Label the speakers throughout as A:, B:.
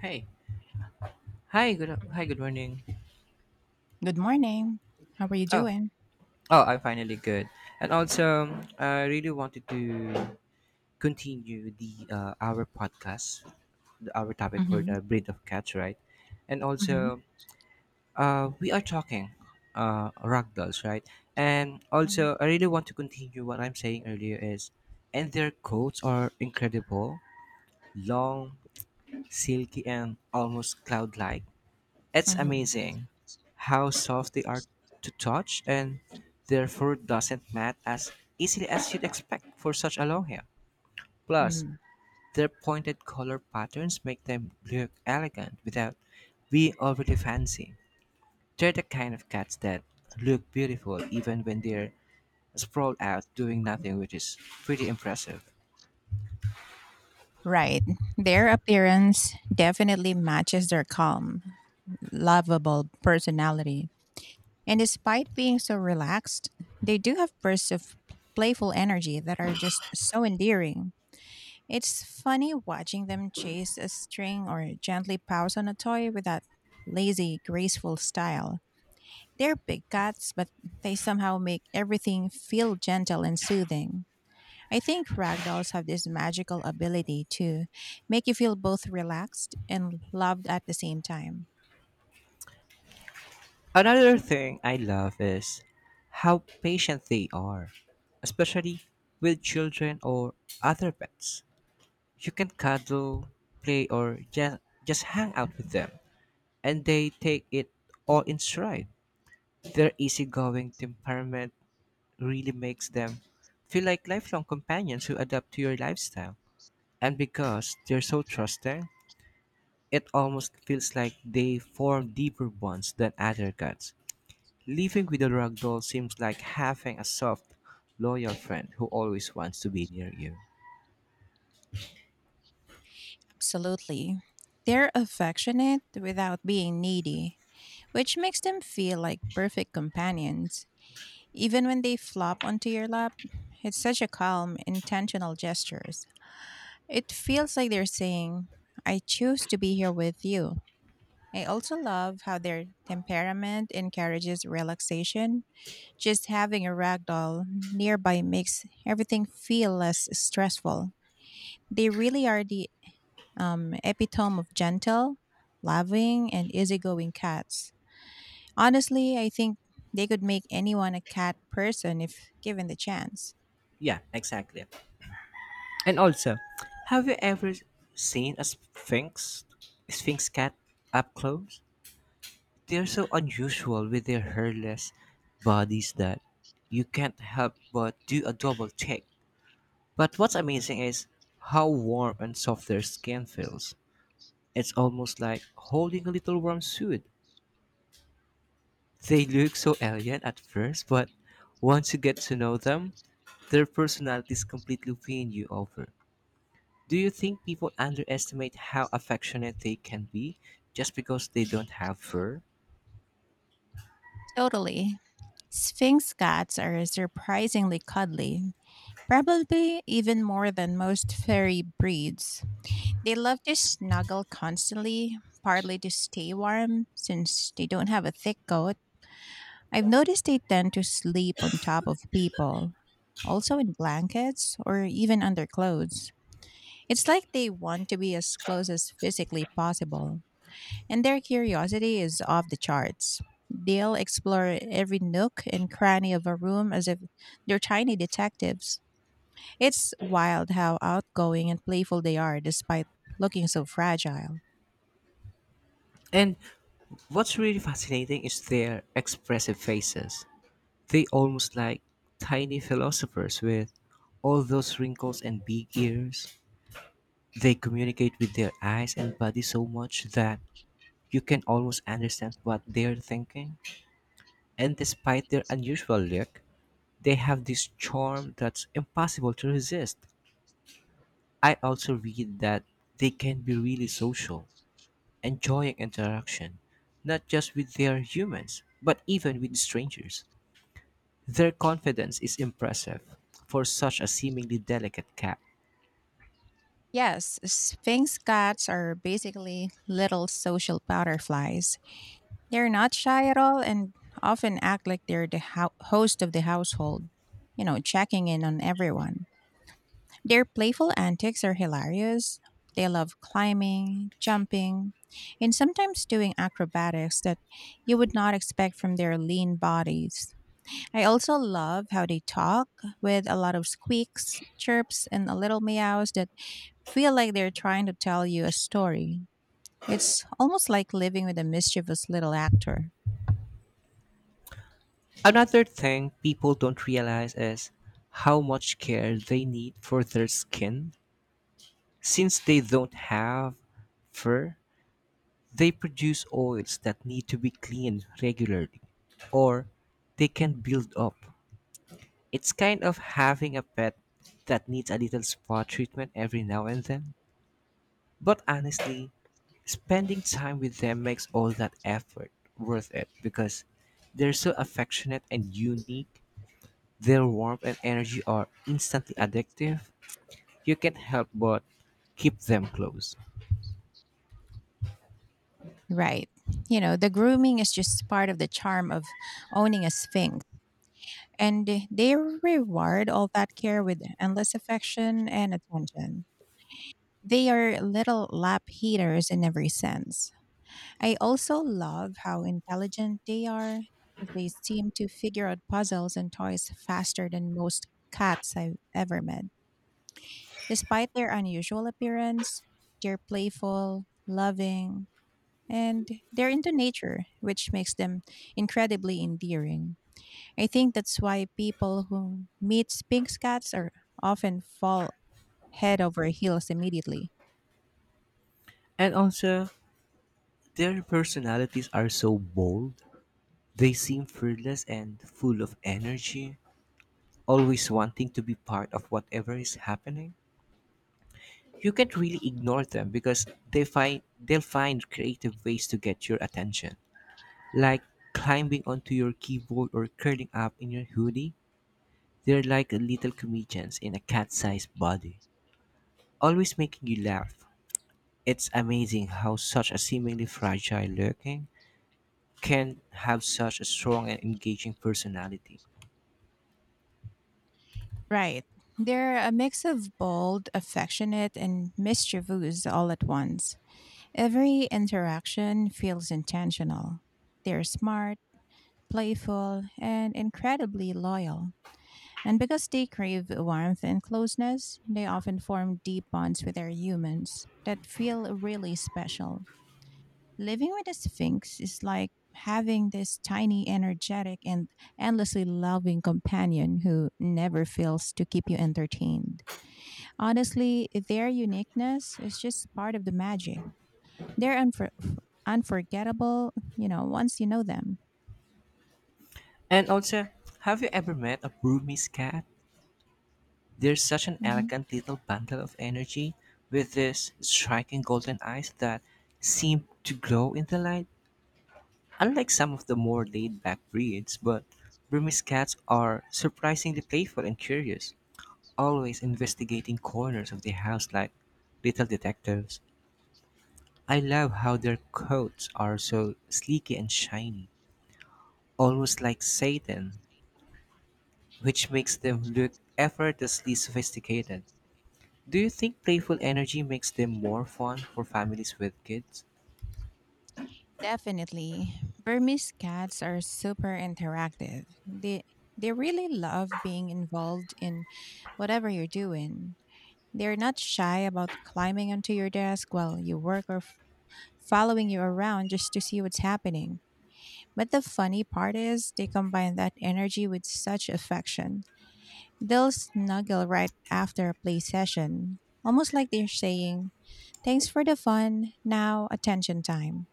A: Hey, hi, good, hi,
B: Mhm.
A: good morning.
B: Good morning. How are you
A: Oh,
B: doing?
A: oh, I'm finally good. And also, I really wanted to continue the our podcast, our topic for
B: Mhm,
A: the breed of cats, right? And
B: mhm,
A: also, we are talking ragdolls, right? And
B: mhm,
A: also, I really want to continue what I'm saying earlier is, and their coats are incredible, long, silky, and almost cloud-like. It's
B: mhm,
A: amazing how soft they are to touch and therefore doesn't mat as easily as you'd expect for such a long hair. Plus,
B: mhm.
A: their pointed color patterns make them look elegant without being overly fancy. They're the kind of cats that look beautiful even when they're sprawled out doing nothing, which is pretty impressive.
B: Right. Their appearance definitely matches their calm, lovable personality. And despite being so relaxed, they do have bursts of playful energy that are just so endearing. It's funny watching them chase a string or gently pounce on a toy with that lazy, graceful style. They're big cats, but they somehow make everything feel gentle and soothing. I think ragdolls have this magical ability to make you feel both relaxed and loved at the same time.
A: Another thing I love is how patient they are, especially with children or other pets. You can cuddle, play, or just hang out with them, and they take it all in stride. Their easygoing temperament really makes them feel like lifelong companions who adapt to your lifestyle. And because they're so trusting, it almost feels like they form deeper bonds than other cats. Living with a ragdoll seems like having a soft, loyal friend who always wants to be near you.
B: Absolutely. They're affectionate without being needy, which makes them feel like perfect companions. Even when they flop onto your lap, it's such a calm, intentional gestures. It feels like they're saying, I choose to be here with you. I also love how their temperament encourages relaxation. Just having a ragdoll nearby makes everything feel less stressful. They really are the epitome of gentle, loving, and easygoing cats. Honestly, I think they could make anyone a cat person if given the chance.
A: Yeah, exactly. And also, have you ever seen a sphinx cat up close? They are so unusual with their hairless bodies that you can't help but do a double take. But what's amazing is how warm and soft their skin feels. It's almost like holding a little warm suit. They look so alien at first, but once you get to know them, their personalities completely win you over. Do you think people underestimate how affectionate they can be just because they don't have fur?
B: Totally. Sphinx cats are surprisingly cuddly, probably even more than most furry breeds. They love to snuggle constantly, partly to stay warm since they don't have a thick coat. I've noticed they tend to sleep on top of people, also in blankets or even under clothes. It's like they want to be as close as physically possible, and their curiosity is off the charts. They'll explore every nook and cranny of a room as if they're tiny detectives. It's wild how outgoing and playful they are despite looking so fragile.
A: And what's really fascinating is their expressive faces. They almost like tiny philosophers with all those wrinkles and big ears. They communicate with their eyes and body so much that you can almost understand what they're thinking. And despite their unusual look, they have this charm that's impossible to resist. I also read that they can be really social, enjoying interaction, not just with their humans, but even with strangers. Their confidence is impressive for such a seemingly delicate cat.
B: Yes, Sphinx cats are basically little social butterflies. They're not shy at all and often act like they're the host of the household, you know, checking in on everyone. Their playful antics are hilarious. They love climbing, jumping, and sometimes doing acrobatics that you would not expect from their lean bodies. I also love how they talk with a lot of squeaks, chirps, and a little meows that feel like they're trying to tell you a story. It's almost like living with a mischievous little actor.
A: Another thing people don't realize is how much care they need for their skin. Since they don't have fur, they produce oils that need to be cleaned regularly, or they can build up. It's kind of having a pet that needs a little spa treatment every now and then. But honestly, spending time with them makes all that effort worth it because they're so affectionate and unique. Their warmth and energy are instantly addictive. You can't help but keep them close.
B: Right. You know, the grooming is just part of the charm of owning a sphinx, and they reward all that care with endless affection and attention. They are little lap heaters in every sense. I also love how intelligent they are. They seem to figure out puzzles and toys faster than most cats I've ever met. Despite their unusual appearance, they're playful, loving, and they're into nature, which makes them incredibly endearing. I think that's why people who meet Sphinx cats are often fall head over heels immediately.
A: And also, their personalities are so bold. They seem fearless and full of energy, always wanting to be part of whatever is happening. You can't really ignore them because they'll find creative ways to get your attention, like climbing onto your keyboard or curling up in your hoodie. They're like little comedians in a cat-sized body, always making you laugh. It's amazing how such a seemingly fragile looking can have such a strong and engaging personality.
B: Right. They're a mix of bold, affectionate, and mischievous all at once. Every interaction feels intentional. They're smart, playful, and incredibly loyal. And because they crave warmth and closeness, they often form deep bonds with their humans that feel really special. Living with a sphinx is like having this tiny, energetic, and endlessly loving companion who never fails to keep you entertained. Honestly, their uniqueness is just part of the magic. They're unforgettable, you know, once you know them.
A: And also, have you ever met a Burmese cat? They're such an
B: Mm-hmm.
A: elegant little bundle of energy with these striking golden eyes that seem to glow in the light. Unlike some of the more laid back breeds, but Burmese cats are surprisingly playful and curious, always investigating corners of the house like little detectives. I love how their coats are so sleeky and shiny, almost like satin, which makes them look effortlessly sophisticated. Do you think playful energy makes them more fun for families with kids?
B: Definitely. Burmese cats are super interactive. They really love being involved in whatever you're doing. They're not shy about climbing onto your desk while you work or following you around just to see what's happening. But the funny part is they combine that energy with such affection. They'll snuggle right after a play session, almost like they're saying, "Thanks for the fun. Now attention time."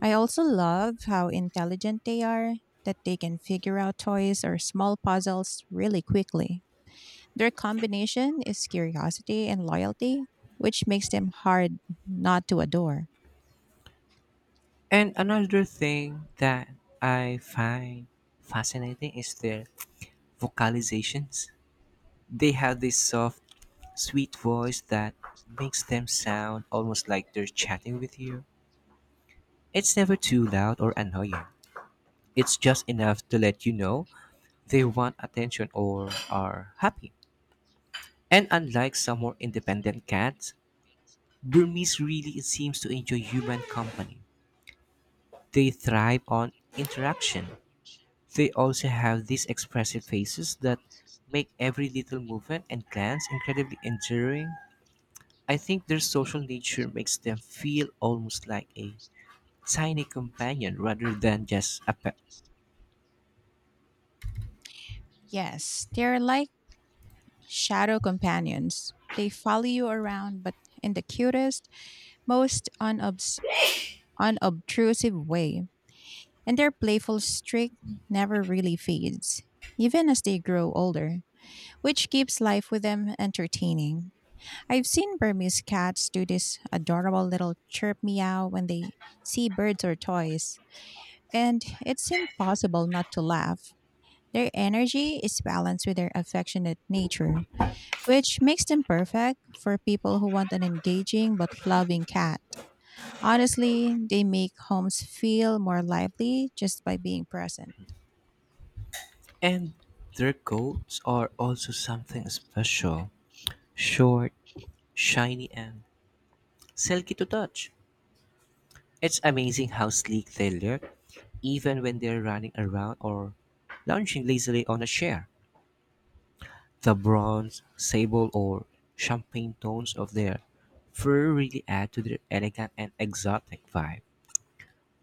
B: I also love how intelligent they are, that they can figure out toys or small puzzles really quickly. Their combination is curiosity and loyalty, which makes them hard not to adore.
A: And another thing that I find fascinating is their vocalizations. They have this soft, sweet voice that makes them sound almost like they're chatting with you. It's never too loud or annoying. It's just enough to let you know they want attention or are happy. And unlike some more independent cats, Burmese really seems to enjoy human company. They thrive on interaction. They also have these expressive faces that make every little movement and glance incredibly endearing. I think their social nature makes them feel almost like a tiny companion rather than just a pet.
B: Yes, they're like shadow companions. They follow you around, but in the cutest, most unobtrusive way. And their playful streak never really fades, even as they grow older, which keeps life with them entertaining. I've seen Burmese cats do this adorable little chirp meow when they see birds or toys, and it's impossible not to laugh. Their energy is balanced with their affectionate nature, which makes them perfect for people who want an engaging but loving cat. Honestly, they make homes feel more lively just by being present.
A: And their coats are also something special, short, shiny, and silky to touch. It's amazing how sleek they look, even when they're running around or lounging lazily on a chair. The bronze, sable or champagne tones of their fur really add to their elegant and exotic vibe.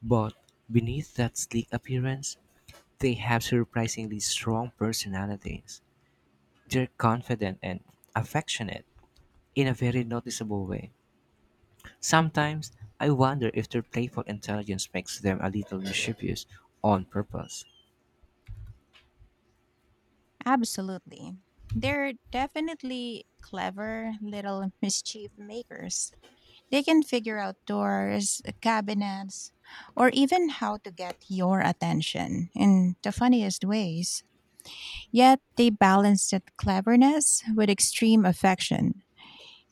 A: But beneath that sleek appearance, they have surprisingly strong personalities. They're confident and affectionate in a very noticeable way. Sometimes I wonder if their playful intelligence makes them a little mischievous on purpose.
B: Absolutely. They're definitely clever little mischief makers. They can figure out doors, cabinets, or even how to get your attention in the funniest ways. Yet they balance that cleverness with extreme affection.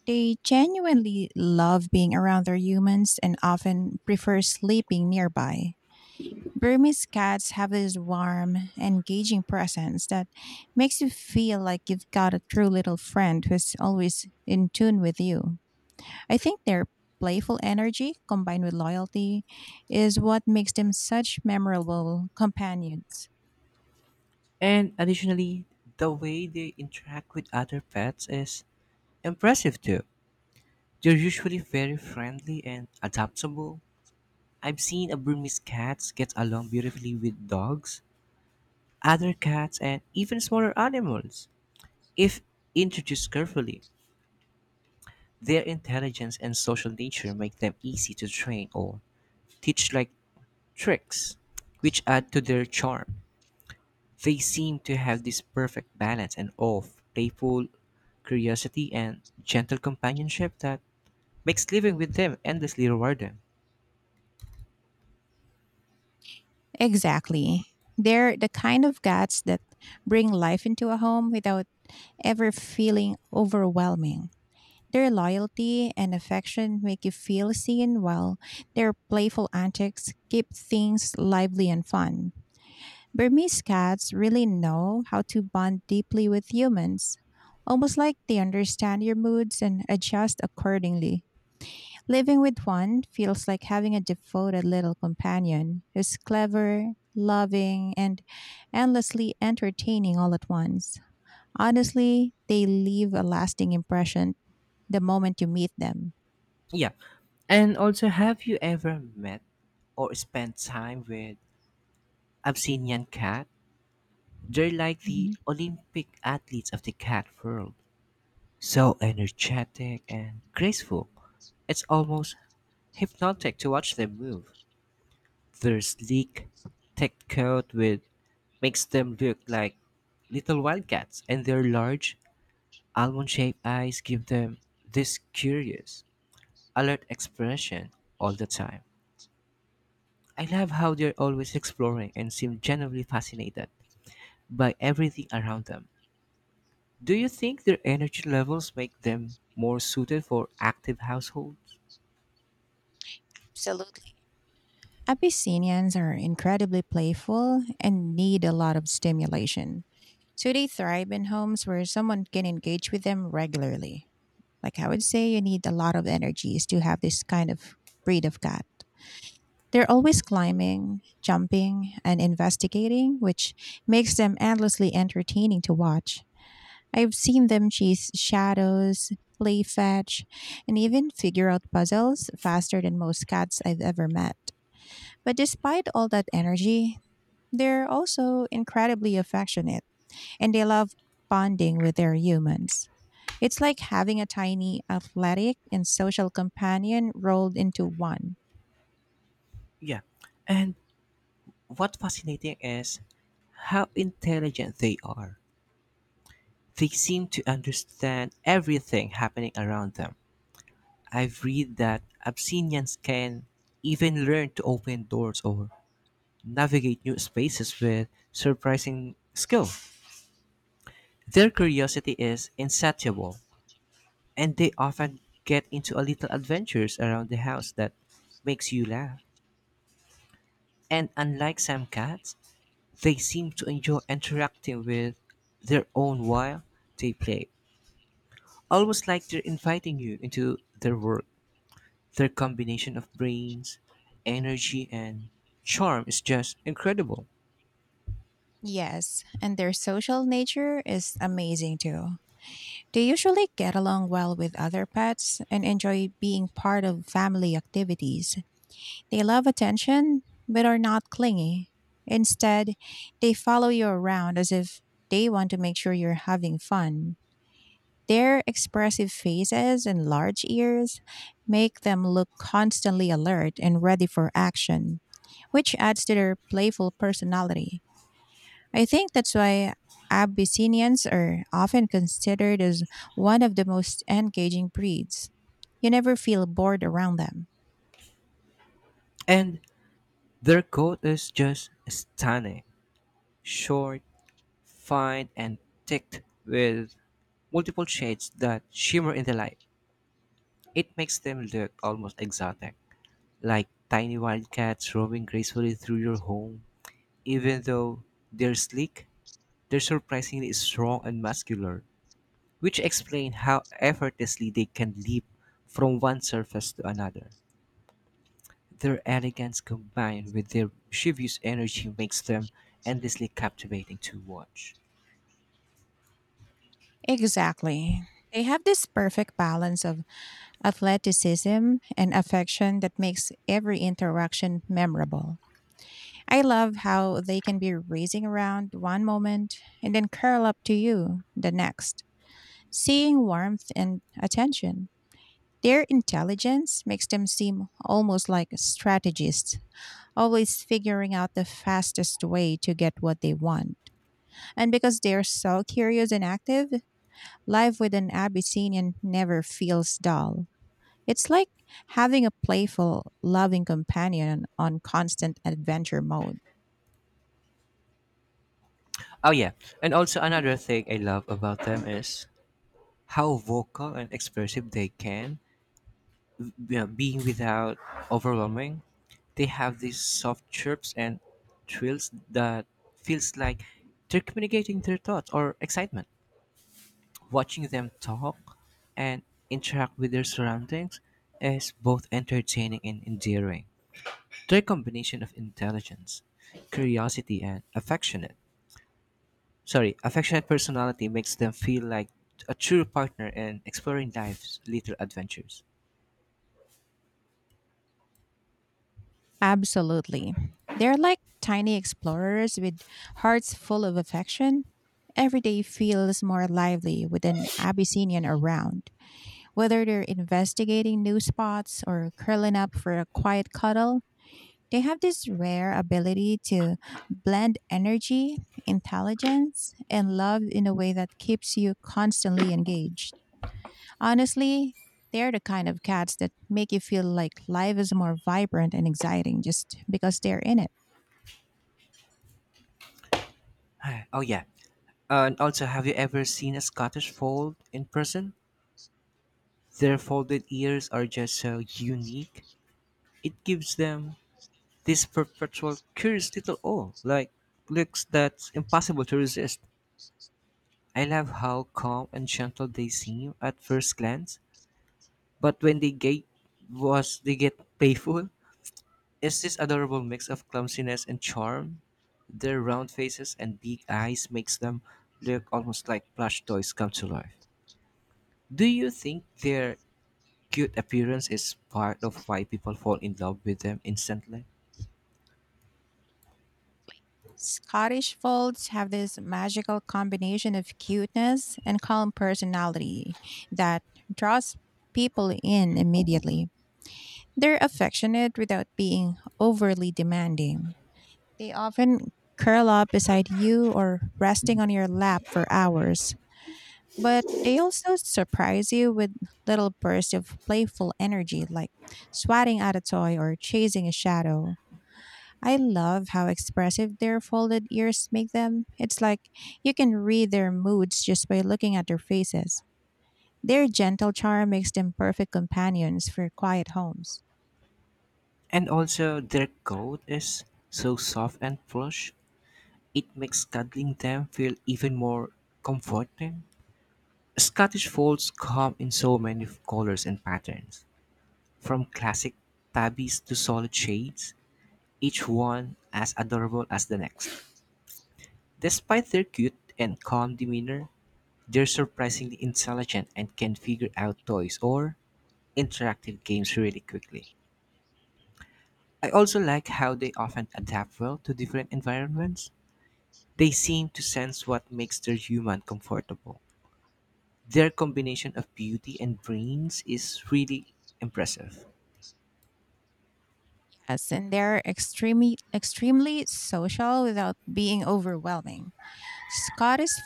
B: They genuinely love being around their humans and often prefer sleeping nearby. Burmese cats have this warm, engaging presence that makes you feel like you've got a true little friend who's always in tune with you. I think their playful energy combined with loyalty is what makes them such memorable companions.
A: And additionally, the way they interact with other pets is impressive too. They're usually very friendly and adaptable. I've seen a Burmese cats get along beautifully with dogs, other cats, and even smaller animals. If introduced carefully, their intelligence and social nature make them easy to train or teach like tricks, which add to their charm. They seem to have this perfect balance and of playful curiosity and gentle companionship that makes living with them endlessly rewarding.
B: Exactly. They're the kind of guts that bring life into a home without ever feeling overwhelming. Their loyalty and affection make you feel seen, while their playful antics keep things lively and fun. Burmese cats really know how to bond deeply with humans, almost like they understand your moods and adjust accordingly. Living with one feels like having a devoted little companion who's clever, loving, and endlessly entertaining all at once. Honestly, they leave a lasting impression the moment you meet them.
A: Yeah. And also, have you ever met or spent time with Abyssinian cat? They're like the Olympic athletes of the cat world. So energetic and graceful. It's almost hypnotic to watch them move. Their sleek, thick coat with makes them look like little wildcats, and their large, almond-shaped eyes give them this curious, alert expression all the time. I love how they're always exploring and seem genuinely fascinated by everything around them. Do you think their energy levels make them more suited for active households?
B: Absolutely. Abyssinians are incredibly playful and need a lot of stimulation, so they thrive in homes where someone can engage with them regularly. Like I would say, you need a lot of energies to have this kind of breed of cat. They're always climbing, jumping, and investigating, which makes them endlessly entertaining to watch. I've seen them chase shadows, play fetch, and even figure out puzzles faster than most cats I've ever met. But despite all that energy, they're also incredibly affectionate and they love bonding with their humans. It's like having a tiny, athletic, and social companion rolled into one.
A: Yeah. And what fascinating is how intelligent they are. They seem to understand everything happening around them. I've read that Abyssinians can even learn to open doors or navigate new spaces with surprising skill. Their curiosity is insatiable, and they often get into a little adventures around the house that makes you laugh. And unlike some cats, they seem to enjoy interacting with their own while they play, almost like they're inviting you into their world. Their combination of brains, energy, and charm is just incredible.
B: Yes, and their social nature is amazing too. They usually get along well with other pets and enjoy being part of family activities. They love attention but are not clingy. Instead, they follow you around as if they want to make sure you're having fun. Their expressive faces and large ears make them look constantly alert and ready for action, which adds to their playful personality. I think that's why Abyssinians are often considered as one of the most engaging breeds. You never feel bored around them.
A: And their coat is just stunning, short, fine, and thick with multiple shades that shimmer in the light. It makes them look almost exotic, like tiny wildcats roaming gracefully through your home. Even though they're sleek, they're surprisingly strong and muscular, which explain how effortlessly they can leap from one surface to another. Their elegance combined with their mischievous energy makes them endlessly captivating to watch.
B: Exactly. They have this perfect balance of athleticism and affection that makes every interaction memorable. I love how they can be racing around one moment and then curl up to you the next, seeing warmth and attention. Their intelligence makes them seem almost like strategists always figuring out the fastest way to get what they want. And because they're so curious and active, life with an Abyssinian never feels dull. It's like having a playful, loving companion on constant adventure mode.
A: Oh yeah, and also another thing I love about them is how vocal and expressive they can, you know, being without overwhelming. They have these soft chirps and trills that feels like they're communicating their thoughts or excitement. Watching them talk and interact with their surroundings is both entertaining and endearing. They're a combination of intelligence, curiosity, and affectionate. Sorry, affectionate personality makes them feel like a true partner in exploring life's little adventures.
B: Absolutely. They're like tiny explorers with hearts full of affection. Every day feels more lively with an Abyssinian around. Whether they're investigating new spots or curling up for a quiet cuddle, they have this rare ability to blend energy, intelligence, and love in a way that keeps you constantly engaged. Honestly, they're the kind of cats that make you feel like life is more vibrant and exciting just because they're in it.
A: Oh yeah, and also, have you ever seen a Scottish fold in person? Their folded ears are just so unique. It gives them this perpetual curious little awe, like looks that's impossible to resist. I love how calm and gentle they seem at first glance, but when they get was they get playful, it's this adorable mix of clumsiness and charm. Their round faces and big eyes makes them look almost like plush toys come to life. Do you think their cute appearance is part of why people fall in love with them instantly?
B: Scottish Folds have this magical combination of cuteness and calm personality that draws people in immediately. They're affectionate without being overly demanding. They often curl up beside you or resting on your lap for hours. But they also surprise you with little bursts of playful energy, like swatting at a toy or chasing a shadow. I love how expressive their folded ears make them. It's like you can read their moods just by looking at their faces. Their gentle charm makes them perfect companions for quiet homes.
A: And also, their coat is so soft and plush, it makes cuddling them feel even more comforting. Scottish folds come in so many colors and patterns, from classic tabbies to solid shades, each one as adorable as the next. Despite their cute and calm demeanor, they're surprisingly intelligent and can figure out toys or interactive games really quickly. I also like how they often adapt well to different environments. They seem to sense what makes their human comfortable. Their combination of beauty and brains is really impressive.
B: Yes, and they're extremely social without being overwhelming. Scottish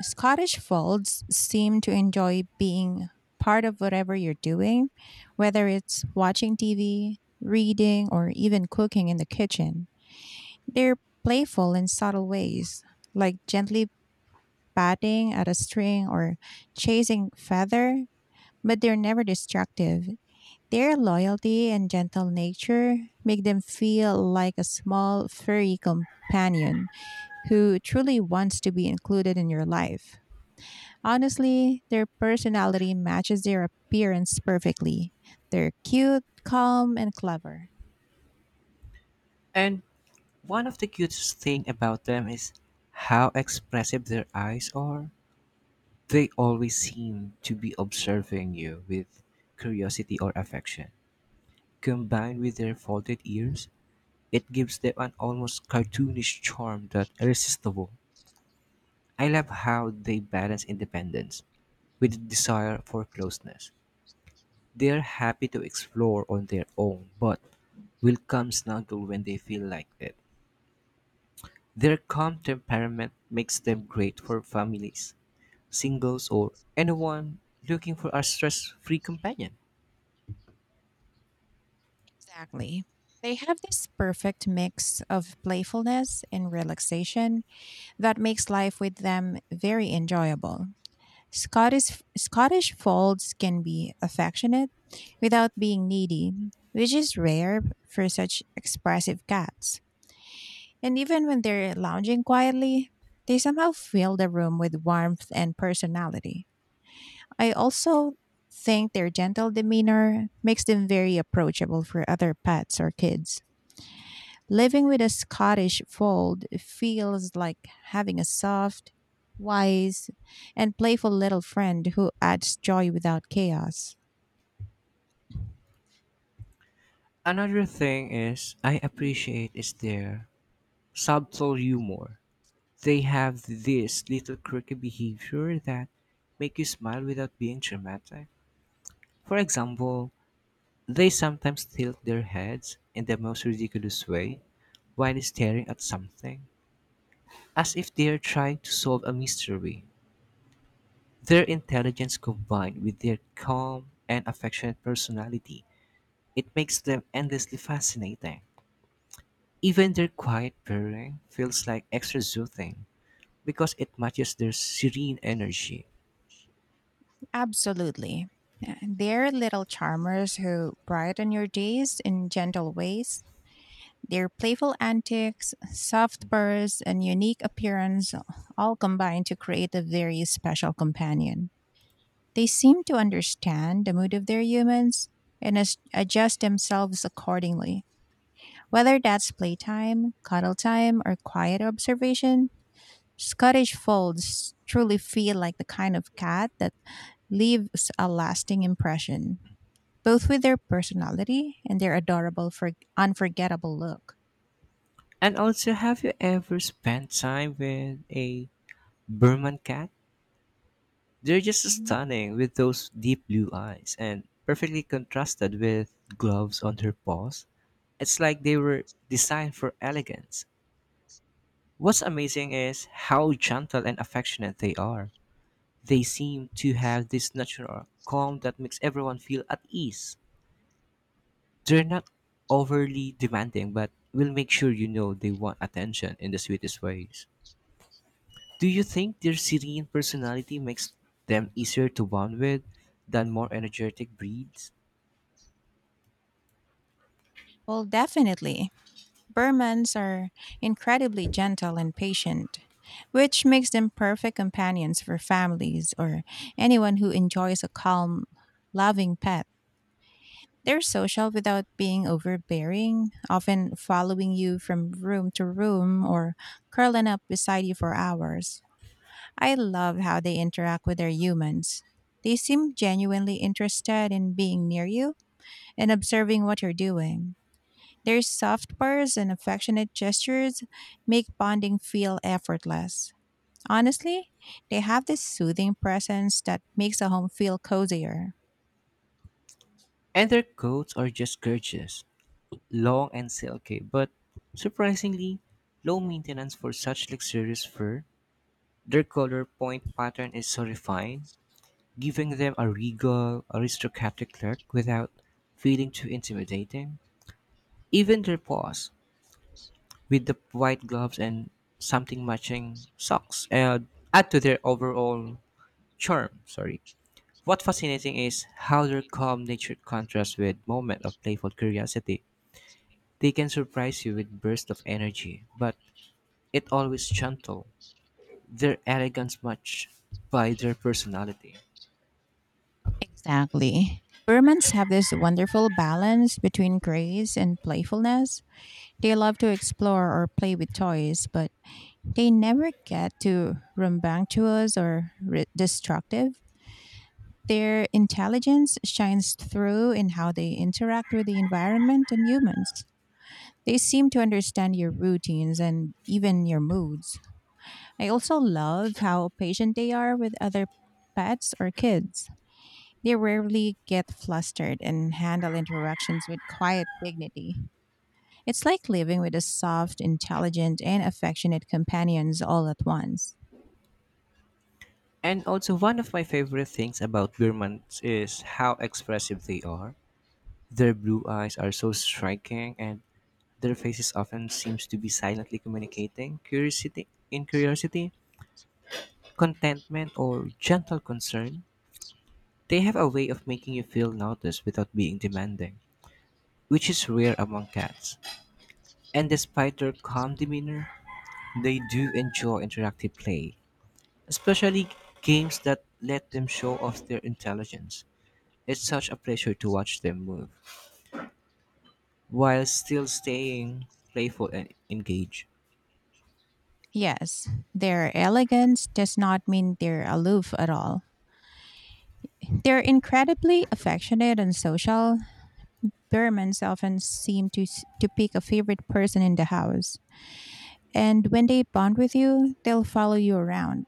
B: Scottish folds seem to enjoy being part of whatever you're doing, whether it's watching TV, reading, or even cooking in the kitchen. They're playful in subtle ways, like gently batting at a string or chasing feather, but they're never destructive. Their loyalty and gentle nature make them feel like a small furry companion who truly wants to be included in your life. Honestly, their personality matches their appearance perfectly. They're cute, calm, and clever.
A: And one of the cutest thing about them is how expressive their eyes are. They always seem to be observing you with curiosity or affection. Combined with their folded ears, it gives them an almost cartoonish charm that irresistible. I love how they balance independence with the desire for closeness. They are happy to explore on their own, but will come snuggle when they feel like it. Their calm temperament makes them great for families, singles, or anyone looking for a stress free companion.
B: Exactly. They have this perfect mix of playfulness and relaxation that makes life with them very enjoyable. Scottish folds can be affectionate without being needy, which is rare for such expressive cats. And even when they're lounging quietly, they somehow fill the room with warmth and personality. I also think their gentle demeanor makes them very approachable for other pets or kids. Living with a Scottish fold feels like having a soft, wise, and playful little friend who adds joy without chaos.
A: Another thing is I appreciate is their subtle humor. They have this little quirky behavior that make you smile without being dramatic. For example, they sometimes tilt their heads in the most ridiculous way while staring at something, as if they are trying to solve a mystery. Their intelligence combined with their calm and affectionate personality, it makes them endlessly fascinating. Even their quiet purring feels like extra soothing because it matches their serene energy.
B: Absolutely. Yeah, they're little charmers who brighten your days in gentle ways. Their playful antics, soft purrs, and unique appearance all combine to create a very special companion. They seem to understand the mood of their humans and adjust themselves accordingly. Whether that's playtime, cuddle time, or quiet observation, Scottish folds truly feel like the kind of cat that leaves a lasting impression both with their personality and their adorable, unforgettable look.
A: And also, have you ever spent time with a Burman cat? They're just
B: Mhm.
A: stunning with those deep blue eyes and perfectly contrasted with gloves on her paws. It's like they were designed for elegance. What's amazing is how gentle and affectionate they are. They seem to have this natural calm that makes everyone feel at ease. They're not overly demanding, but will make sure you know they want attention in the sweetest ways. Do you think their serene personality makes them easier to bond with than more energetic breeds?
B: Well, definitely. Burmans are incredibly gentle and patient, which makes them perfect companions for families or anyone who enjoys a calm, loving pet. They're social without being overbearing, often following you from room to room or curling up beside you for hours. I love how they interact with their humans. They seem genuinely interested in being near you and observing what you're doing. Their soft purrs and affectionate gestures make bonding feel effortless. Honestly, they have this soothing presence that makes a home feel cozier.
A: And their coats are just gorgeous, long and silky, but surprisingly low maintenance for such luxurious fur. Their color point pattern is so refined, giving them a regal, aristocratic look without feeling too intimidating. Even their paws, with the white gloves and something matching socks, add to their overall charm. Sorry. What fascinating is how their calm nature contrasts with moment of playful curiosity. They can surprise you with bursts of energy, but it always gentle. Their elegance matched by their personality.
B: Exactly. Burmans have this wonderful balance between grace and playfulness. They love to explore or play with toys, but they never get too rambunctious or destructive. Their intelligence shines through in how they interact with the environment and humans. They seem to understand your routines and even your moods. I also love how patient they are with other pets or kids. They rarely get flustered and handle interactions with quiet dignity. It's like living with a soft, intelligent, and affectionate companions all at once.
A: And also one of my favorite things about Burmans is how expressive they are. Their blue eyes are so striking and their faces often seems to be silently communicating curiosity, contentment or gentle concern. They have a way of making you feel noticed without being demanding, which is rare among cats. And despite their calm demeanor, they do enjoy interactive play, especially games that let them show off their intelligence. It's such a pleasure to watch them move while still staying playful and engaged.
B: Yes, their elegance does not mean they're aloof at all. They're incredibly affectionate and social. Burmans often seem to pick a favorite person in the house. And when they bond with you, they'll follow you around.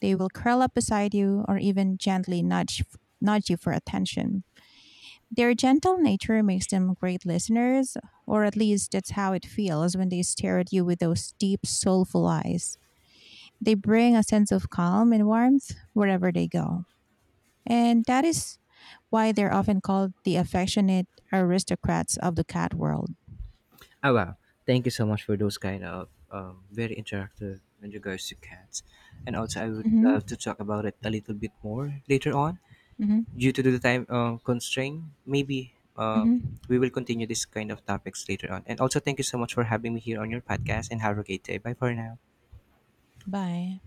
B: They will curl up beside you or even gently nudge you for attention. Their gentle nature makes them great listeners, or at least that's how it feels when they stare at you with those deep, soulful eyes. They bring a sense of calm and warmth wherever they go. And that is why they're often called the affectionate aristocrats of the cat world.
A: Oh wow! Thank you so much for those kind of very interactive in regards to cats. And also, I would
B: hmm
A: love to talk about it a little bit more later on,
B: hmm
A: due to the time constraint. Maybe uh,
B: hmm
A: we will continue this kind of topics later on. And also, thank you so much for having me here on your podcast. And have a great day. Bye for now.
B: Bye.